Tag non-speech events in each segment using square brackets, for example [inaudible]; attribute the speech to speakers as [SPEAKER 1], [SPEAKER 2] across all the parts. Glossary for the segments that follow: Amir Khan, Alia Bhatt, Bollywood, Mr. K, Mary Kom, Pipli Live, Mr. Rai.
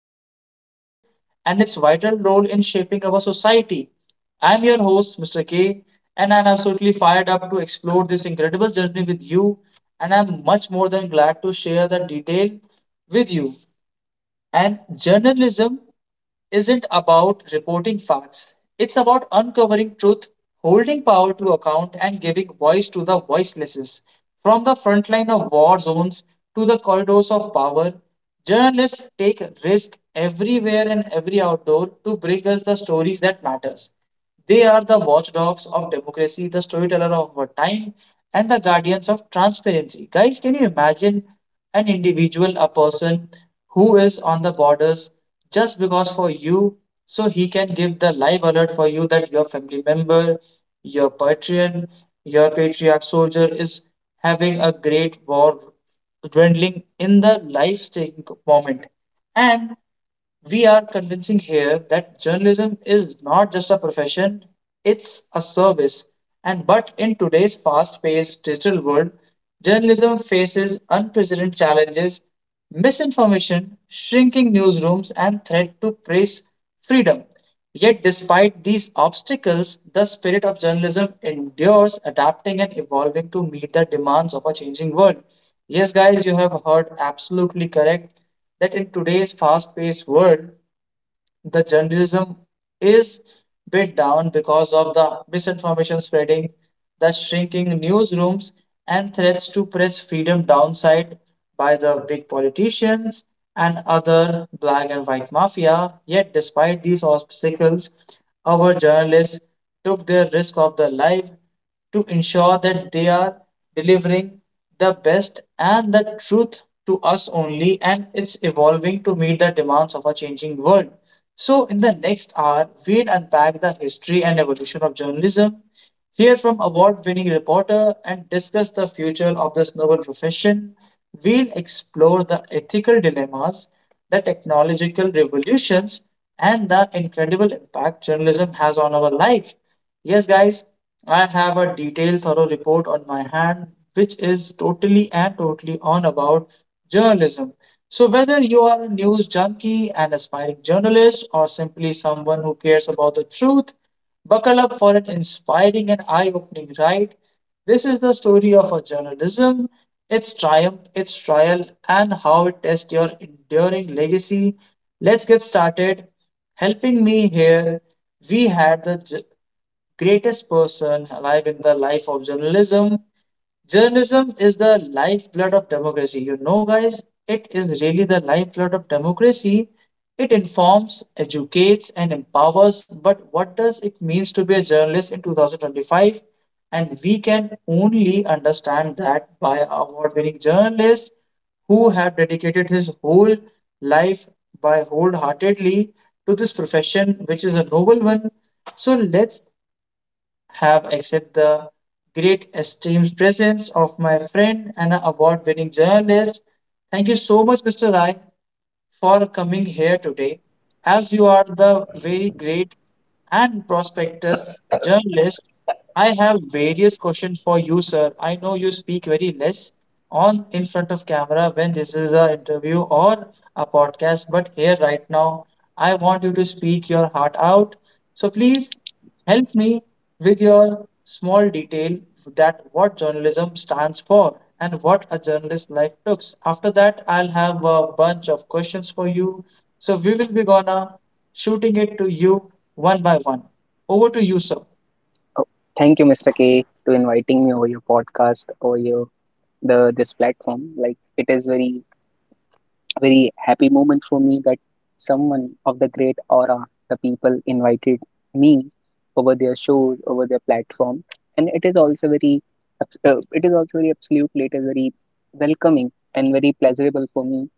[SPEAKER 1] its challenges, and its vital role in shaping our society. I'm your host, Mr. K, and I'm absolutely fired up to explore this incredible journey with you. And I'm much more than glad to share the detail with you. And journalism isn't about reporting facts, it's about uncovering truth, holding power to account, and giving voice to the voiceless. From the front line of war zones to the corridors of power, journalists take risks everywhere and every outdoor to bring us the stories that matters. They are the watchdogs of democracy, the storyteller of our time, and the guardians of transparency. Guys, can you imagine an individual, a person who is on the borders just because for you, so he can give the live alert for you that your family member, your patron, your patriarch soldier is having a great war dwindling in the life-saving moment. And we are convincing here that journalism is not just a profession, it's a service. And but in today's fast-paced digital world, journalism faces unprecedented challenges, misinformation, shrinking newsrooms, and threat to press freedom. Yet, despite these obstacles, the spirit of journalism endures, adapting and evolving to meet the demands of a changing world. Yes, guys, you have heard absolutely correct that in today's fast paced world, the journalism is bit down because of the misinformation spreading, the shrinking newsrooms, and threats to press freedom downside by the big politicians and other black and white mafia. Yet, despite these obstacles, our journalists took their risk of their life to ensure that they are delivering the best and the truth to us only, and it's evolving to meet the demands of a changing world. So, in the next hour, we'll unpack the history and evolution of journalism, hear from award winning reporter, and discuss the future of this noble profession. We'll explore the ethical dilemmas, the technological revolutions, and the incredible impact journalism has on our life. Yes, guys, I have a detailed, thorough report on my hand, which is totally and totally on about journalism. So, whether you are a news junkie, an aspiring journalist, or simply someone who cares about the truth, buckle up for an inspiring and eye opening ride. This is the story of a journalism, its triumph, its trial, and how it tests your enduring legacy. Let's get started. Helping me here, we had the greatest person alive in the life of journalism. Journalism is the lifeblood of democracy. You know, guys, it is really the lifeblood of democracy. It informs, educates, and empowers. But what does it means to be a journalist in 2025? And we can only understand that by award-winning journalists who have dedicated his whole life by wholeheartedly to this profession, which is a noble one. So let's have accepted the great esteemed presence of my friend and award winning journalist. Thank you so much, Mr. Rai, for coming here today, as you are the very great and prospectus journalist. I have various questions for you, sir. I know you speak very less on in front of camera when this is an interview or a podcast, but here right now, I want you to speak your heart out. So please help me with your small detail that what journalism stands for and what a journalist life looks. After that, I'll have a bunch of questions for you. So we will be gonna shooting it to you one by one. Over to you, sir.
[SPEAKER 2] Thank you, Mr. K, to inviting me over your podcast or your the this platform. Like it is very happy moment for me that someone of the great aura, the people invited me over their shows, over their platform, and it is also very abs- it is also very absolutely it is very welcoming and very pleasurable for me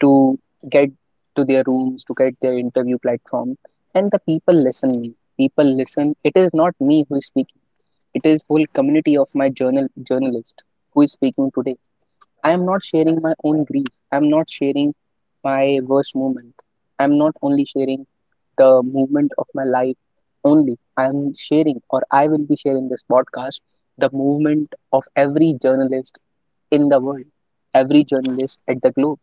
[SPEAKER 2] to get to their rooms, to get their interview platform, and the people listen me. People listen. It is not me who is speaking, it is whole community of my journalist who is speaking today. I am not sharing my own grief. I am not sharing my worst moment. I am not only sharing the movement of my life only. I am sharing or I will be sharing this podcast the movement of every journalist in the world, every journalist at the globe,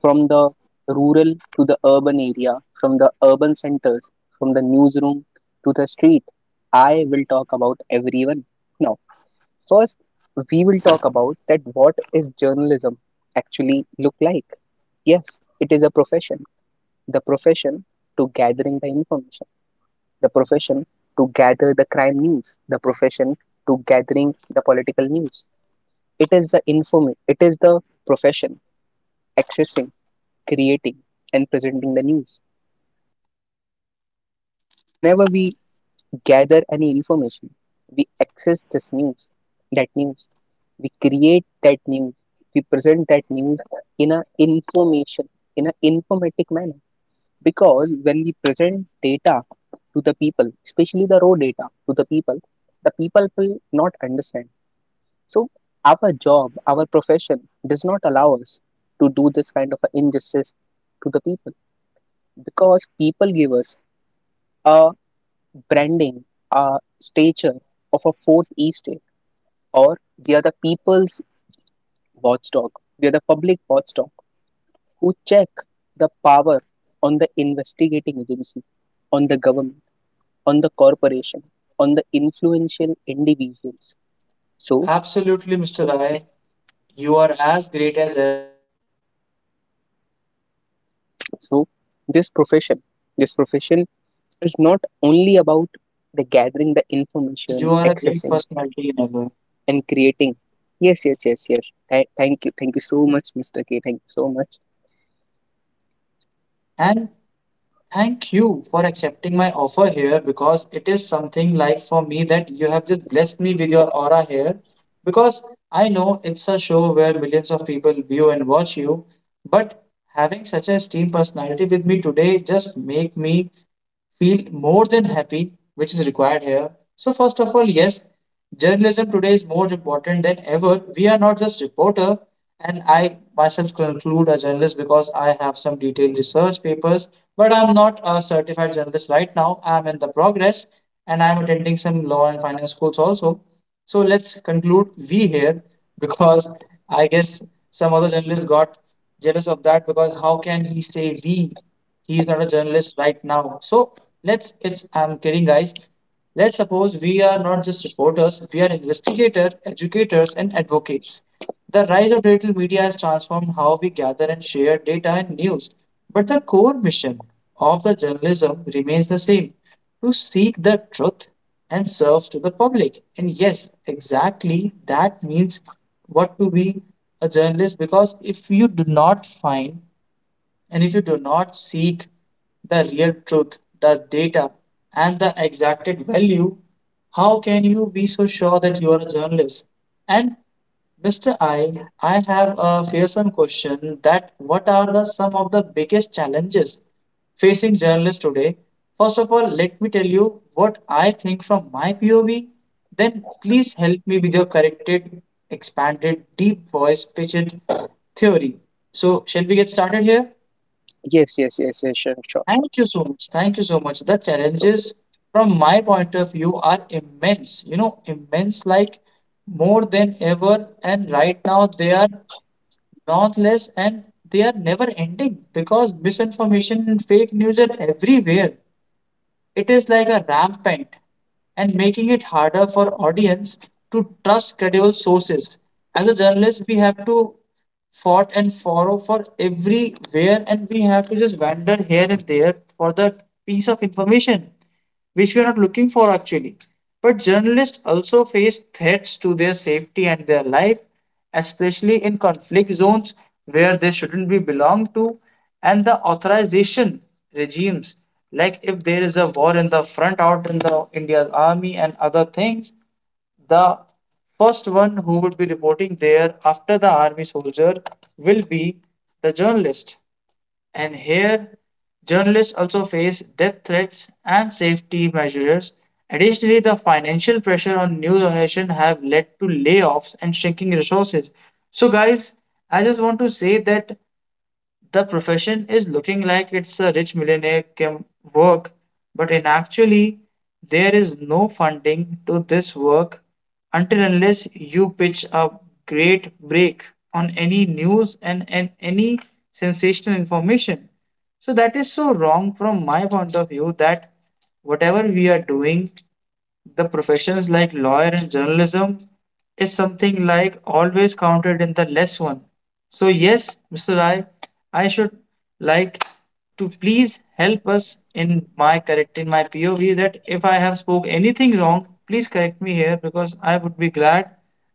[SPEAKER 2] from the rural to the urban area, from the urban centers, from the newsroom to the street. I will talk about everyone. Now, first, we will talk about that what is journalism actually look like. Yes, it is a profession. The profession to gathering the information, the profession to gather the crime news, the profession to gathering the political news. It is the informing, it is the profession accessing, creating, and presenting the news. Whenever we gather any information, we access this news, that news. We create that news, we present that news in a information, in an informatic manner, because when we present data to the people, especially the raw data to the people, the people will not understand. So our job, our profession does not allow us to do this kind of a injustice to the people, because people give us a branding, a stature of a fourth estate, or we are the people's watchdog, we are the public watchdog who check the power on the investigating agency, on the government, on the corporation, on the influential individuals. So,
[SPEAKER 1] Absolutely, Mr.
[SPEAKER 2] so,
[SPEAKER 1] Rai. You are as great as ever. And yes, journalism is
[SPEAKER 2] so
[SPEAKER 1] not such a
[SPEAKER 2] this
[SPEAKER 1] small
[SPEAKER 2] profession,
[SPEAKER 1] and
[SPEAKER 2] this
[SPEAKER 1] easy
[SPEAKER 2] profession
[SPEAKER 1] profession to
[SPEAKER 2] is
[SPEAKER 1] follow
[SPEAKER 2] not
[SPEAKER 1] here.
[SPEAKER 2] only about
[SPEAKER 1] I
[SPEAKER 2] the
[SPEAKER 1] must
[SPEAKER 2] gathering the
[SPEAKER 1] say that
[SPEAKER 2] information,
[SPEAKER 1] you are a great
[SPEAKER 2] accessing,
[SPEAKER 1] personality in ever.
[SPEAKER 2] and creating. Yes, yes, yes, yes. Thank you so much, Mr. K. Thank you so much.
[SPEAKER 1] And thank you for accepting my offer here because it is something like for me that you have just blessed me with your aura here. Because I know it's a show where millions of people view and watch you, but having such a esteemed personality with me today just make me feel more than happy, which is required here. So, first of all, yes, journalism today is more important than ever. We are not just reporter, and I myself conclude a journalist because I have some detailed research papers, but I'm not a certified journalist right now. I'm in the progress and I'm attending some law and finance schools also. So let's conclude we here because I guess some other journalists got jealous of that because how can he say we he is not a journalist right now, so let's, it's I'm kidding, guys. Let's suppose we are not just reporters, we are investigators, educators and advocates. The rise of digital media has transformed how we gather and share data and news, but the core mission of the journalism remains the same, to seek the truth and serve to the public. And yes, exactly that means what to be a journalist, because if you do not find and if you do not seek the real truth, the data, and the exacted value, how can you be so sure that you are a journalist? And Mr. I have a fearsome question that what are the some of the biggest challenges facing journalists today? First of all, let me tell you what I think from my POV. Then please help me with your corrected, expanded, deep voice pitched theory. So shall we get started here?
[SPEAKER 2] Yes, yes, yes, yes. Sure, sure, sure.
[SPEAKER 1] Thank you so much. Thank you so much. The
[SPEAKER 2] So.
[SPEAKER 1] challenges, from my point of view, are immense. You know, immense like more than ever. And right now, they are not less and they are never ending because misinformation and fake news are everywhere. It is like a rampant and making it harder for audience to trust credible sources. As a journalist, we have to fought and follow for everywhere and we have to just wander here and there for the piece of information which we are not looking for actually. But journalists also face threats to their safety and their life, especially in conflict zones where they shouldn't be belong to, and the authorization regimes, like if there is a war in the front out in the India's army and other things, the first one who would be reporting there after the army soldier will be the journalist. And here, journalists also face death threats and safety measures. Additionally, the financial pressure on news organizations have led to layoffs and shrinking resources. So, guys, I just want to say that the profession is looking like it's a rich millionaire can work, but in actually there is no funding to this work until unless you pitch a great break on any news and any sensational information. So that is so wrong from my point of view that whatever we are doing the professions like lawyer and journalism is something like always counted in the less one. So yes, Mr. Rai, I should like to please help us in my correcting my POV that if I have spoke anything wrong, please correct me here because I would be glad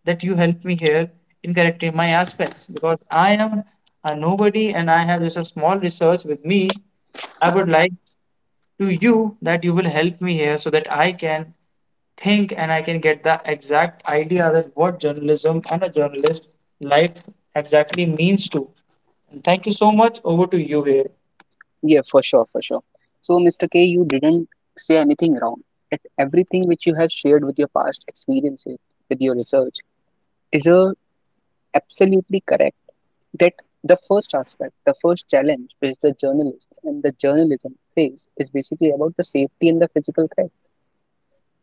[SPEAKER 1] that you help me here in correcting my aspects because I am a nobody and I have just a small research with me. I would like to you that you will help me here so that I can think and I can get the exact idea that what journalism and a journalist life exactly means to. And thank you so much. Over to you here.
[SPEAKER 2] Yeah, for sure, for sure. So, Mr. K, you didn't say anything wrong. That everything which you have shared with your past experiences, with your research, is absolutely correct. That the first aspect, the first challenge which the journalist and the journalism face is basically about the safety and the physical threat.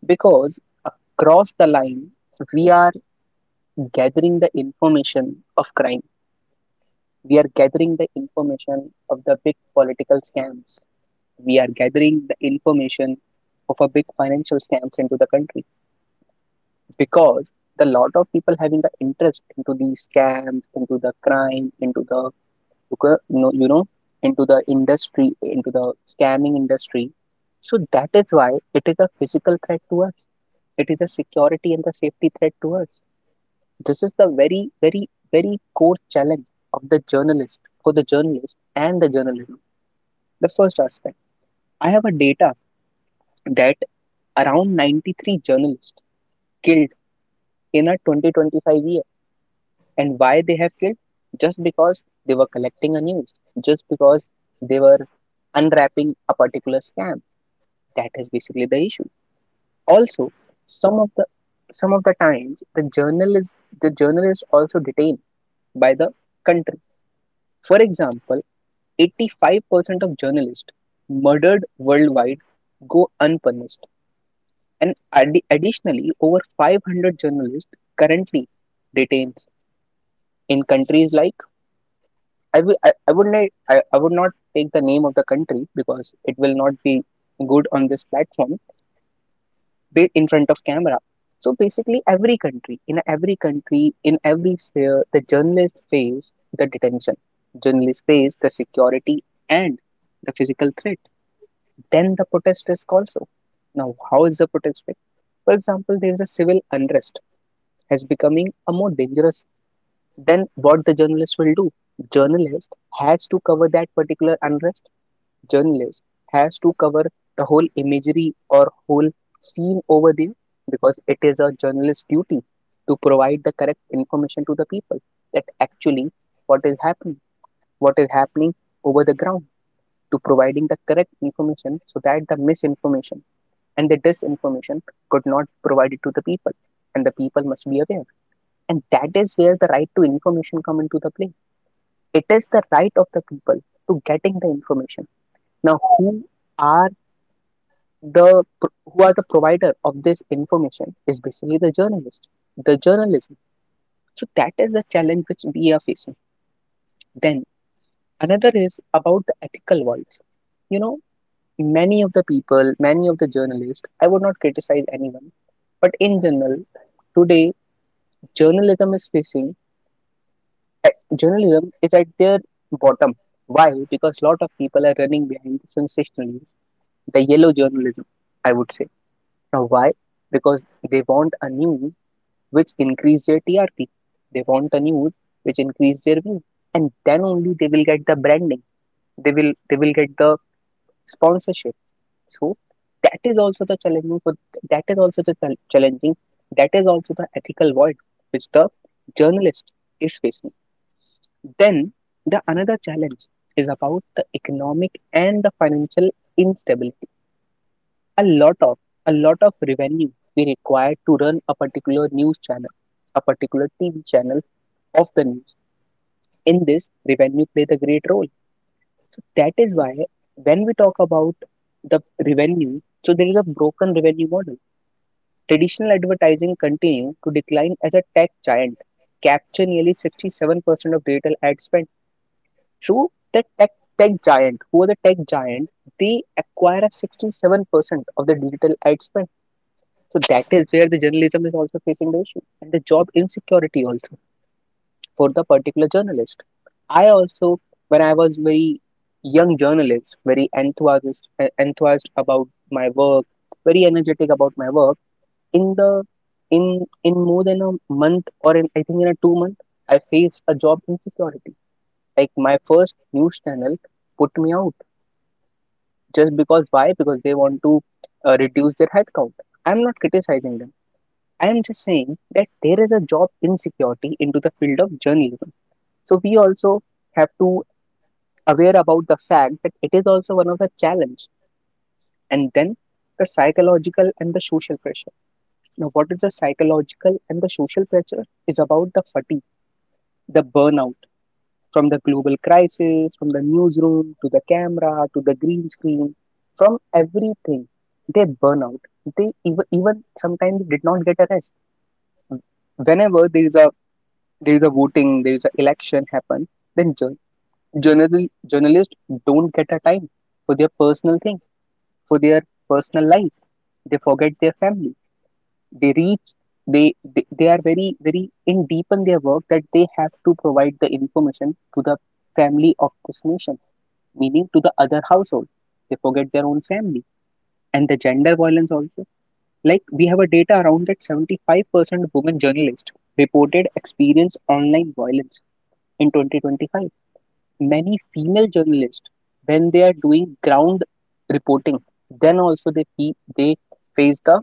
[SPEAKER 2] Because across the line, we are gathering the information of crime. We are gathering the information of the big political scams. We are gathering the information of a big financial scams into the country, because the lot of people having the interest into these scams, into the crime, into the you know you know into the industry, into the scamming industry. So that is why it is a physical threat to us, it is a security and the safety threat to us. This is the very core challenge of the journalist, for the journalist and the journalism, the first aspect. I have a data that around 93 journalists killed in a 2025 year. And why they have killed? Just because they were collecting a news, just because they were unwrapping a particular scam. That is basically the issue. Also, some of the some of the times the journalists also detained by the country. For example, 85% of journalists murdered worldwide go unpunished. And additionally, over 500 journalists currently detained in countries like, I will I would not I, I would not take the name of the country, because it will not be good on this platform, in front of camera. So basically, every country in every sphere, the journalists face the detention. Journalists face the security and the physical threat. Then the protest risk also. Now, how is the protest risk? For example, there is a civil unrest has becoming a more dangerous than what the journalist will do. Journalist has to cover that particular unrest. Journalist has to cover the whole imagery or whole scene over there, because it is a journalist's duty to provide the correct information to the people, that actually what is happening, what is happening over the ground, to providing the correct information so that the misinformation and the disinformation could not be provided to the people, and the people must be aware. And that is where the right to information come into the play. It is the right of the people to getting the information. Now, are the who are the provider of this information is basically the journalist, the journalism. So that is the challenge which we are facing. Then another is about the ethical voids. You know, many of the journalists, I would not criticize anyone, but in general, today journalism is facing, journalism is at their bottom. Why? Because a lot of people are running behind the sensationalism, the yellow journalism, I would say. Now, why? Because they want a news which increase their TRP. They want a news which increase their view, and then only they will get the branding. They will get the sponsorship. So that is also the challenging. For that is also the chal- challenging. That is also the ethical void which the journalist is facing. Then the another challenge is about the economic and the financial instability. A lot of a lot of revenue we require to run a particular news channel, a particular TV channel of the news. In this, revenue play the great role. So that is why when we talk about the revenue, so there is a broken revenue model. Traditional advertising continued to decline as a tech giant, capture nearly 67% of digital ad spend. True, the tech giant, who are the tech giant, they acquire a 67% of the digital ad spend. So that is where the journalism is also facing the issue and the job insecurity also for the particular journalist. I also, when I was very young journalist, very enthusiastic, enthused about my work, very energetic about my work. In the in more than a month, or in, I think, in a 2 month, I faced a job insecurity. Like my first news channel put me out, just because, why? Because they want to reduce their headcount. I'm not criticizing them. I am just saying that there is a job insecurity into the field of journalism. So we also have to aware about the fact that it is also one of the challenge. And then the psychological and the social pressure. Now, what is the psychological and the social pressure? Is about the fatigue, the burnout from the global crisis, from the newsroom to the camera to the green screen, from everything, they burn out. They even sometimes did not get a rest. Whenever there is a voting, there is an election happen, then journalists don't get a time for their personal thing, for their personal life. They forget their family. They reach they are very in deep in their work that they have to provide the information to the family of this nation, meaning to the other household. They forget their own family. And the gender violence also. Like we have a data around that 75% women journalists reported experience online violence in 2025. Many female journalists, when they are doing ground reporting, then also they face the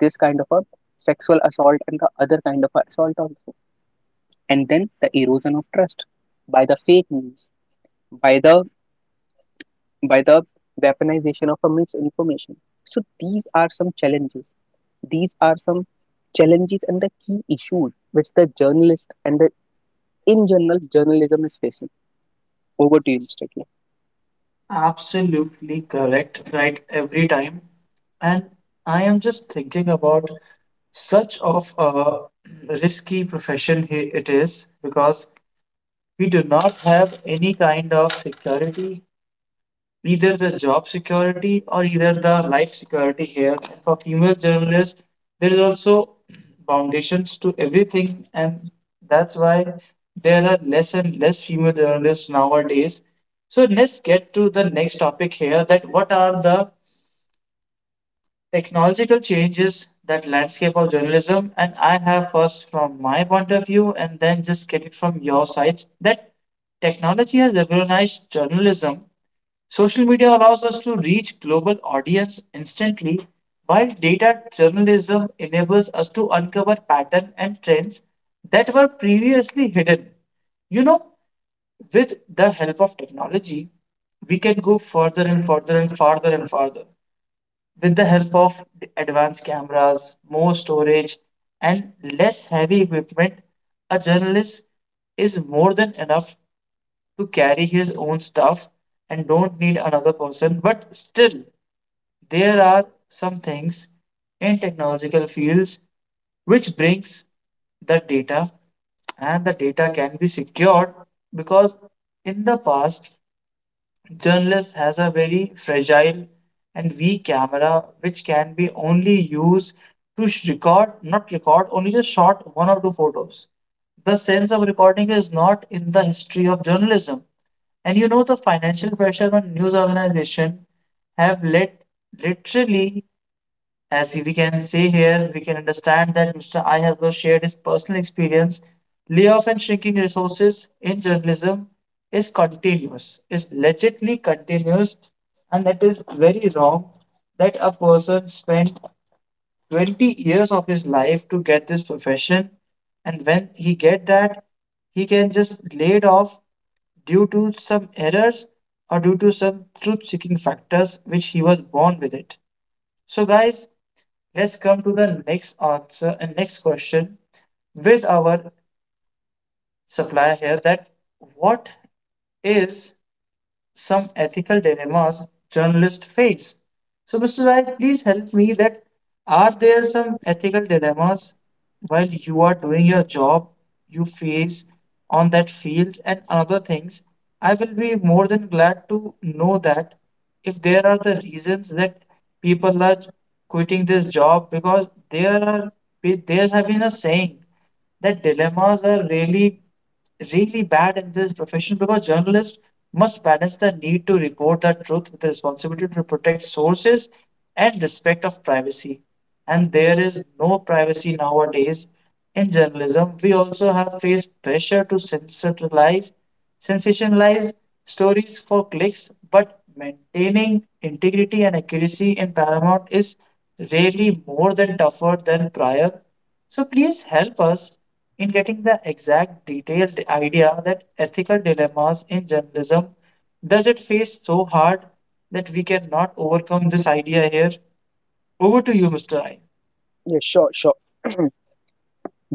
[SPEAKER 2] this kind of a sexual assault and the other kind of assault also. And then the erosion of trust by the fake news, by the by the weaponization of a misinformation. So these are some challenges. These are some challenges and the key issues which the journalist and the in general journalism is facing. Over to you, Mr. K.
[SPEAKER 1] Absolutely correct, right every time. And I am just thinking about such of a risky profession it is because we do not have any kind of security either the job security or either the life security here. And for female journalists, there is also foundations to everything, and that's why there are less and less female journalists nowadays. So let's get to the next topic here. That what are the technological changes that landscape of journalism? And I have first from my point of view, and then just get it from your sides. That technology has revolutionized journalism. Social media allows us to reach global audience instantly, while data journalism enables us to uncover patterns and trends that were previously hidden. You know, with the help of technology, we can go further and further and farther and farther. With the help of advanced cameras, more storage, and less heavy equipment, a journalist is more than enough to carry his own stuff and don't need another person. But still, there are some things in technological fields which brings the data and the data can be secured because in the past journalist has a very fragile and weak camera which can be only used to record not record only just shot one or two photos. The sense of recording is not in the history of journalism. And you know the financial pressure on news organization have led literally, as we can see here, we can understand that Mr. I has also shared his personal experience. Layoff and shrinking resources in journalism is continuous, is legitly continuous, and that is very wrong that a person spent 20 years of his life to get this profession, and when he get that, he can just laid off due to some errors or due to some truth-seeking factors which he was born with it. So guys, let's come to the next answer and next question with our supplier here that what is some ethical dilemmas journalists face. So, Mr. Rai, please help me that are there some ethical dilemmas while you are doing your job you face on that field and other things? I will be more than glad to know that if there are the reasons that people are quitting this job because there have been a saying the dilemmas are really, really bad in this profession because journalists must balance the need to report the truth with the responsibility to protect sources and respect of privacy. And there is no privacy nowadays in journalism. We also have faced pressure to sensationalize stories for clicks, but maintaining integrity and accuracy in Paramount is really more than tougher than prior. So please help us in getting the exact detailed idea that ethical dilemmas in journalism does it face so hard that we cannot overcome this idea here. Over to you, Mr. I.
[SPEAKER 2] Yeah, sure, sure.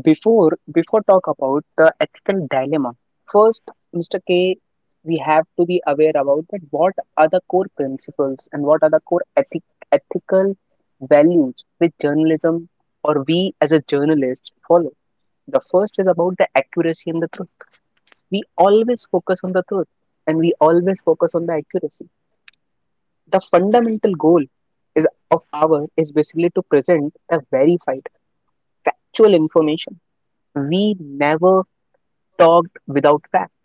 [SPEAKER 2] Before talk about the ethical dilemma, first, Mr. K, we have to be aware about that what are the core principles and what are the core ethical values which journalism or we as a journalist follow. The first is about the accuracy and the truth. We always focus on the truth and we always focus on the accuracy. The fundamental goal is of our is basically to present the verified factual information. We never talked without fact.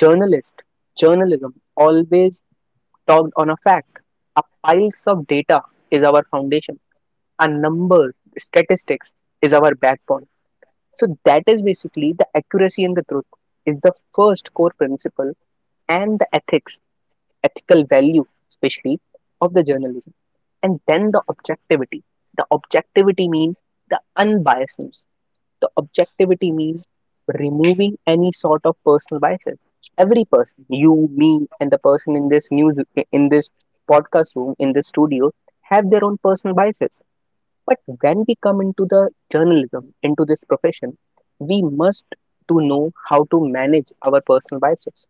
[SPEAKER 2] Journalist, journalism always talked on a fact. A piles of data is our foundation. Our numbers, statistics is our backbone. So that is basically the accuracy and the truth is the first core principle and the ethical value, especially of the journalism. And then the objectivity. The objectivity means the unbiasedness. The objectivity means removing any sort of personal biases. Every person, you, me, and the person in this news, in this podcast room, in this studio, have their own personal biases. But when we come into the journalism, into this profession, we must to know how to manage our personal biases,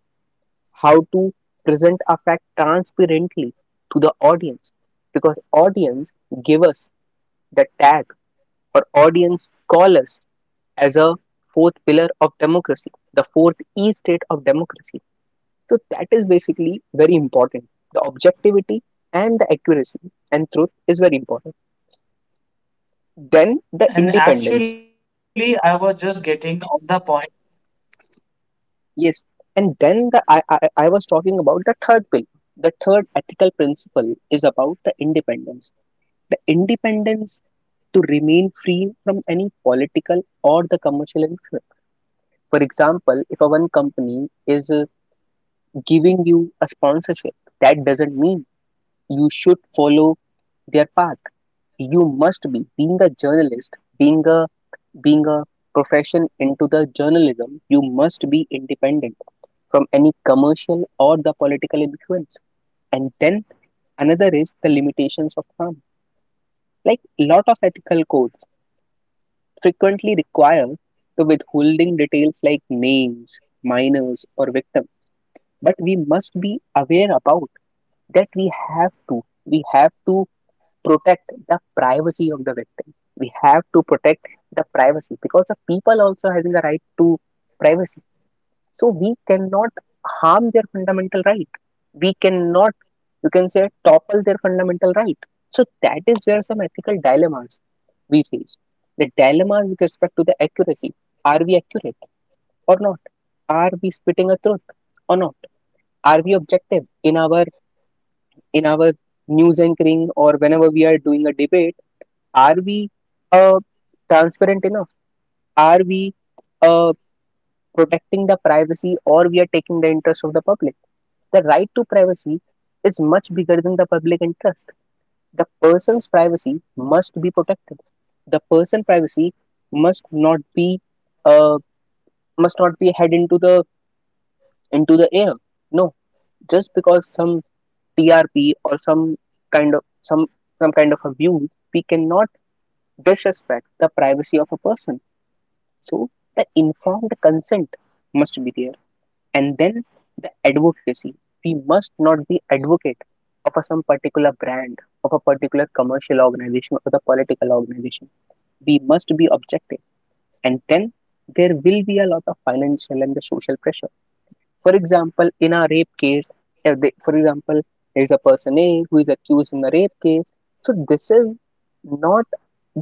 [SPEAKER 2] how to present a fact transparently to the audience, because audience give us the tag, or audience call us as a fourth pillar of democracy, the fourth e state of democracy. So that is basically very important. The objectivity and the accuracy and truth is very important. Then
[SPEAKER 1] And
[SPEAKER 2] the
[SPEAKER 1] actually, I
[SPEAKER 2] independence.
[SPEAKER 1] was just getting on the point.
[SPEAKER 2] Yes, and then I was talking about the third pillar. The third ethical principle is about the independence, the independence to remain free from any political or the commercial influence. For example, if a one company is giving you a sponsorship, that doesn't mean you should follow their path. You must be, being a journalist, being a being a profession into the journalism, you must be independent from any commercial or the political influence. And then another is the limitations of harm, like lot of ethical codes frequently require the withholding details like names, minors, or victim. But we must be aware about that we have to. We have to protect the privacy of the victim. We have to protect the privacy, because the people also having a right to privacy. So we cannot harm their fundamental right. We cannot, you can say, topple their fundamental right. So that is where some ethical dilemmas we face. The dilemma with respect to the accuracy, are we accurate or not? Are we spitting a truth or not? Are we objective in our news anchoring or whenever we are doing a debate? Are we uh, transparent enough? Are we uh, protecting the privacy, or we are taking the interest of the public? The right to privacy is much bigger than the public interest. The person's privacy must be protected. The person privacy must not be, uh, must not be head into the air. No, just because some trp or some kind of some some kind of abuse, we cannot disrespect the privacy of a person. So the informed consent must be there. And then the advocacy, we must not be advocate of a, some particular brand, of a particular commercial organization or the political organization. We must be objective. And then there will be a lot of financial and the social pressure. For example, in a rape case, if they, for example, there is a person a who is accused in a rape case, so this is not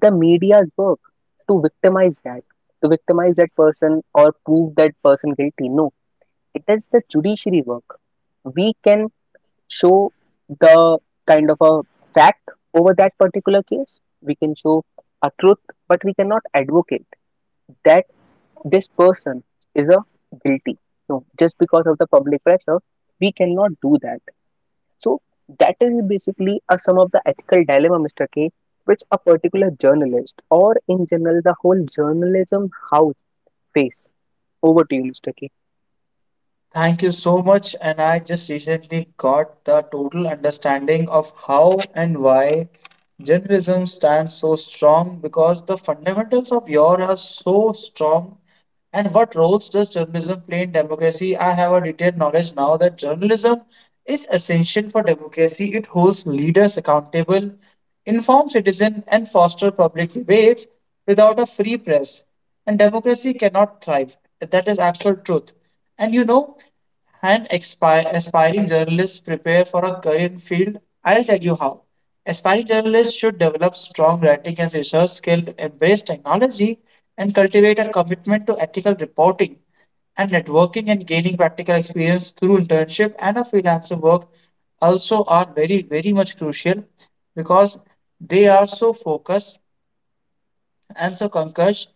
[SPEAKER 2] the media's work to victimize that, to victimize that person or prove that person guilty. No, it is the judiciary work. We can show the kind of a fact over that particular case. We can show a truth, but we cannot advocate that this person is a guilty. No, just because of the public pressure, we cannot do that. So that is basically a sum of the ethical dilemma, Mr. K, which a particular journalist or in general the whole journalism house face. Over to you, Mr. K.
[SPEAKER 1] Thank you so much. And I just recently got the total understanding of how and why journalism stands so strong because the fundamentals of your are so strong. And what roles does journalism play in democracy? I have a detailed knowledge now that journalism is essential for democracy. It holds leaders accountable, informs citizens, and fosters public debates. Without a free press, and democracy cannot thrive. That is actual truth. And you know, and aspiring journalists prepare for a career in field, I'll tell you how. Aspiring journalists should develop strong writing and research skill, embrace technology, and cultivate a commitment to ethical reporting and networking and gaining practical experience through internship and a freelancer work also are very very much crucial because they are so focused and so, Pankaj,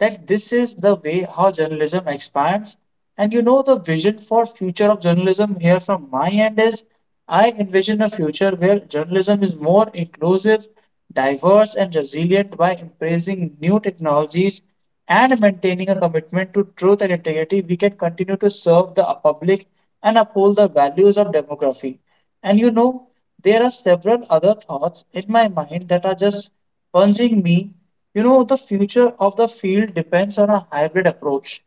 [SPEAKER 1] that this is the way how journalism expands. And you know, the vision for future of journalism here from my end is I envision a future where journalism is more inclusive, diverse, and resilient by embracing new technologies and maintaining a commitment to truth and integrity. We can continue to serve the public and uphold the values of demography. And you know, there are several other thoughts in my mind that are just plunging me. The future of the field depends on a hybrid approach,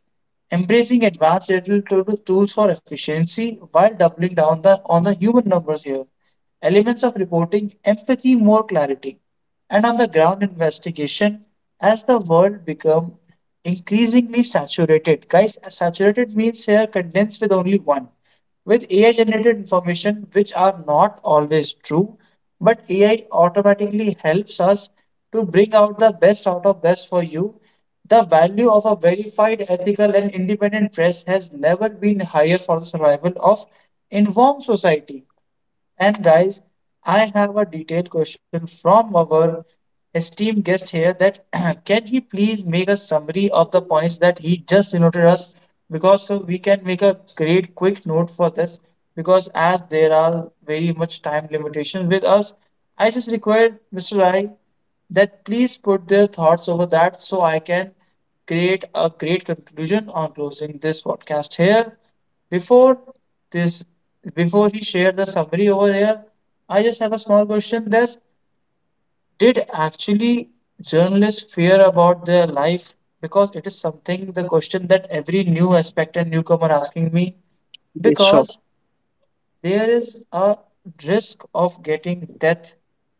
[SPEAKER 1] embracing advanced digital tools for efficiency while doubling down on the human numbers here. Elements of reporting, empathy, more clarity, and on the ground investigation as the world become increasingly saturated. Guys, saturated means here condensed with only one with AI generated information which are not always true, but AI automatically helps us to bring out the best out of best for you. The value of a verified, ethical, and independent press has never been higher for the survival of informed society. And guys, I have a detailed question from our esteemed guest here that [clears throat] can he please make a summary of the points that he just noted us because so we can make a great quick note for this because as there are very much time limitation with us, I just require Mr. Rai that please put their thoughts over that so I can create a great conclusion on closing this podcast here. Before this, before he shared the summary over here, I just have a small question. That's did actually journalists fear about their life? Because it is something the question that every new aspect and newcomer asking me
[SPEAKER 2] Yeah. Sure,
[SPEAKER 1] because there is a risk of getting death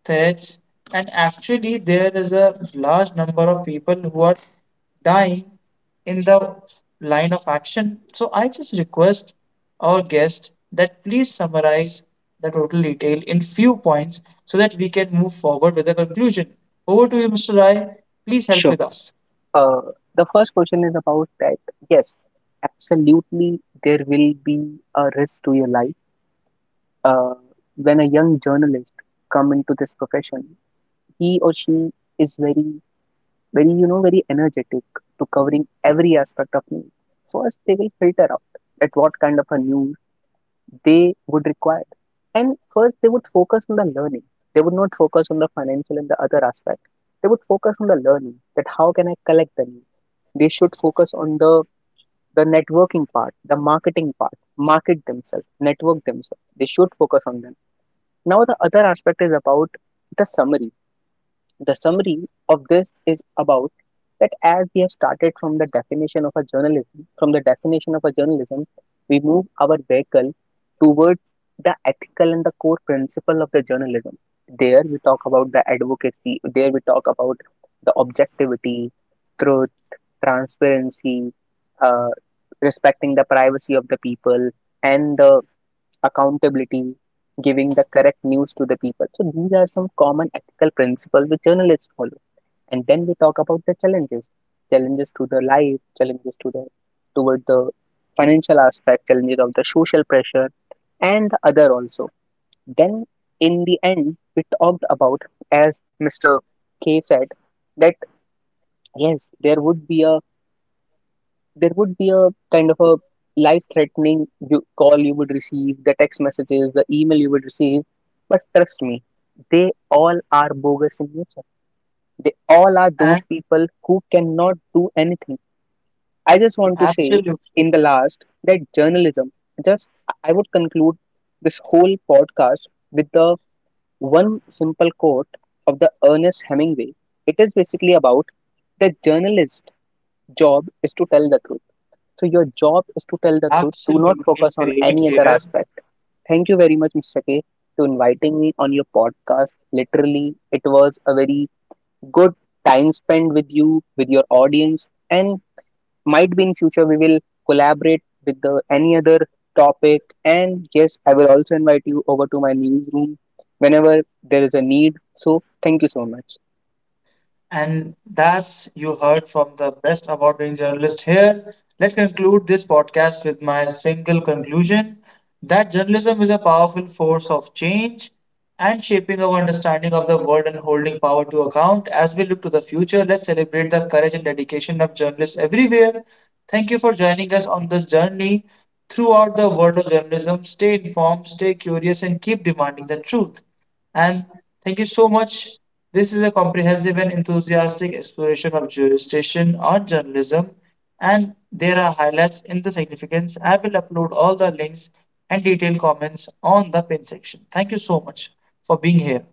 [SPEAKER 1] threats and actually there is a large number of people who are dying in the line of action. So I just request our guest that please summarize the total detail in few points so that we can move forward with the conclusion. Over to you, Mr. Rai. Please help
[SPEAKER 2] sure.
[SPEAKER 1] with us.
[SPEAKER 2] Uh, the first question is about that. Yes, absolutely, there will be a risk to your life uh, when a young journalist come into this profession. He or she is very you know very energetic to covering every aspect of news. First they will filter out at what kind of a news they would require. And first they would focus on the learning. They would not focus on the financial and the other aspect. They would focus on the learning, that how can I collect the news. They should focus on the networking part, the marketing part. Market themselves, network themselves, they should focus on them. Now the other aspect is about the summary. The summary of this is about that, as we have started from the definition of a journalism, we move our vehicle towards the ethical and the core principle of the journalism. There we talk about the advocacy, there we talk about the objectivity, truth, transparency, uh, respecting the privacy of the people, and the accountability, giving the correct news to the people. So these are some common ethical principles which journalists follow. And then we talk about the challenges, challenges to the life, challenges to the toward the financial aspect, challenges of the social pressure, and other also. Then in the end we talked about, as Mr. K said, that yes, there would be a kind of a life threatening, you call, you would receive the text messages, the email you would receive, but trust me, they all are bogus in nature. They all are
[SPEAKER 1] And
[SPEAKER 2] those people who cannot do anything. I just want to say
[SPEAKER 1] absolutely,
[SPEAKER 2] in the last that journalism, just, I would conclude this whole podcast with the one simple quote of the Ernest Hemingway. It is basically about the journalist job is to tell the truth. So your job is to tell the truth. Do
[SPEAKER 1] absolutely
[SPEAKER 2] not focus on
[SPEAKER 1] great
[SPEAKER 2] any other
[SPEAKER 1] here.
[SPEAKER 2] aspect. Thank you very much, Mr. K, to inviting me on your podcast. Literally, it was a very good time spent with you, with your audience, and might be in future we will collaborate with the any other topic. And yes, I will also invite you over to my newsroom whenever there is a need. So thank you so much.
[SPEAKER 1] And that's you heard from the best award winning journalist here. Let us conclude this podcast with my single conclusion that journalism is a powerful force of change and shaping our understanding of the world and holding power to account. As we look to the future, let's celebrate the courage and dedication of journalists everywhere. Thank you for joining us on this journey throughout the world of journalism. Stay informed, stay curious, and keep demanding the truth. And thank you so much. This is a comprehensive and enthusiastic exploration of jurisdiction on journalism, and there are highlights in the significance. I will upload all the links and detailed comments on the pin section. Thank you so much for being here.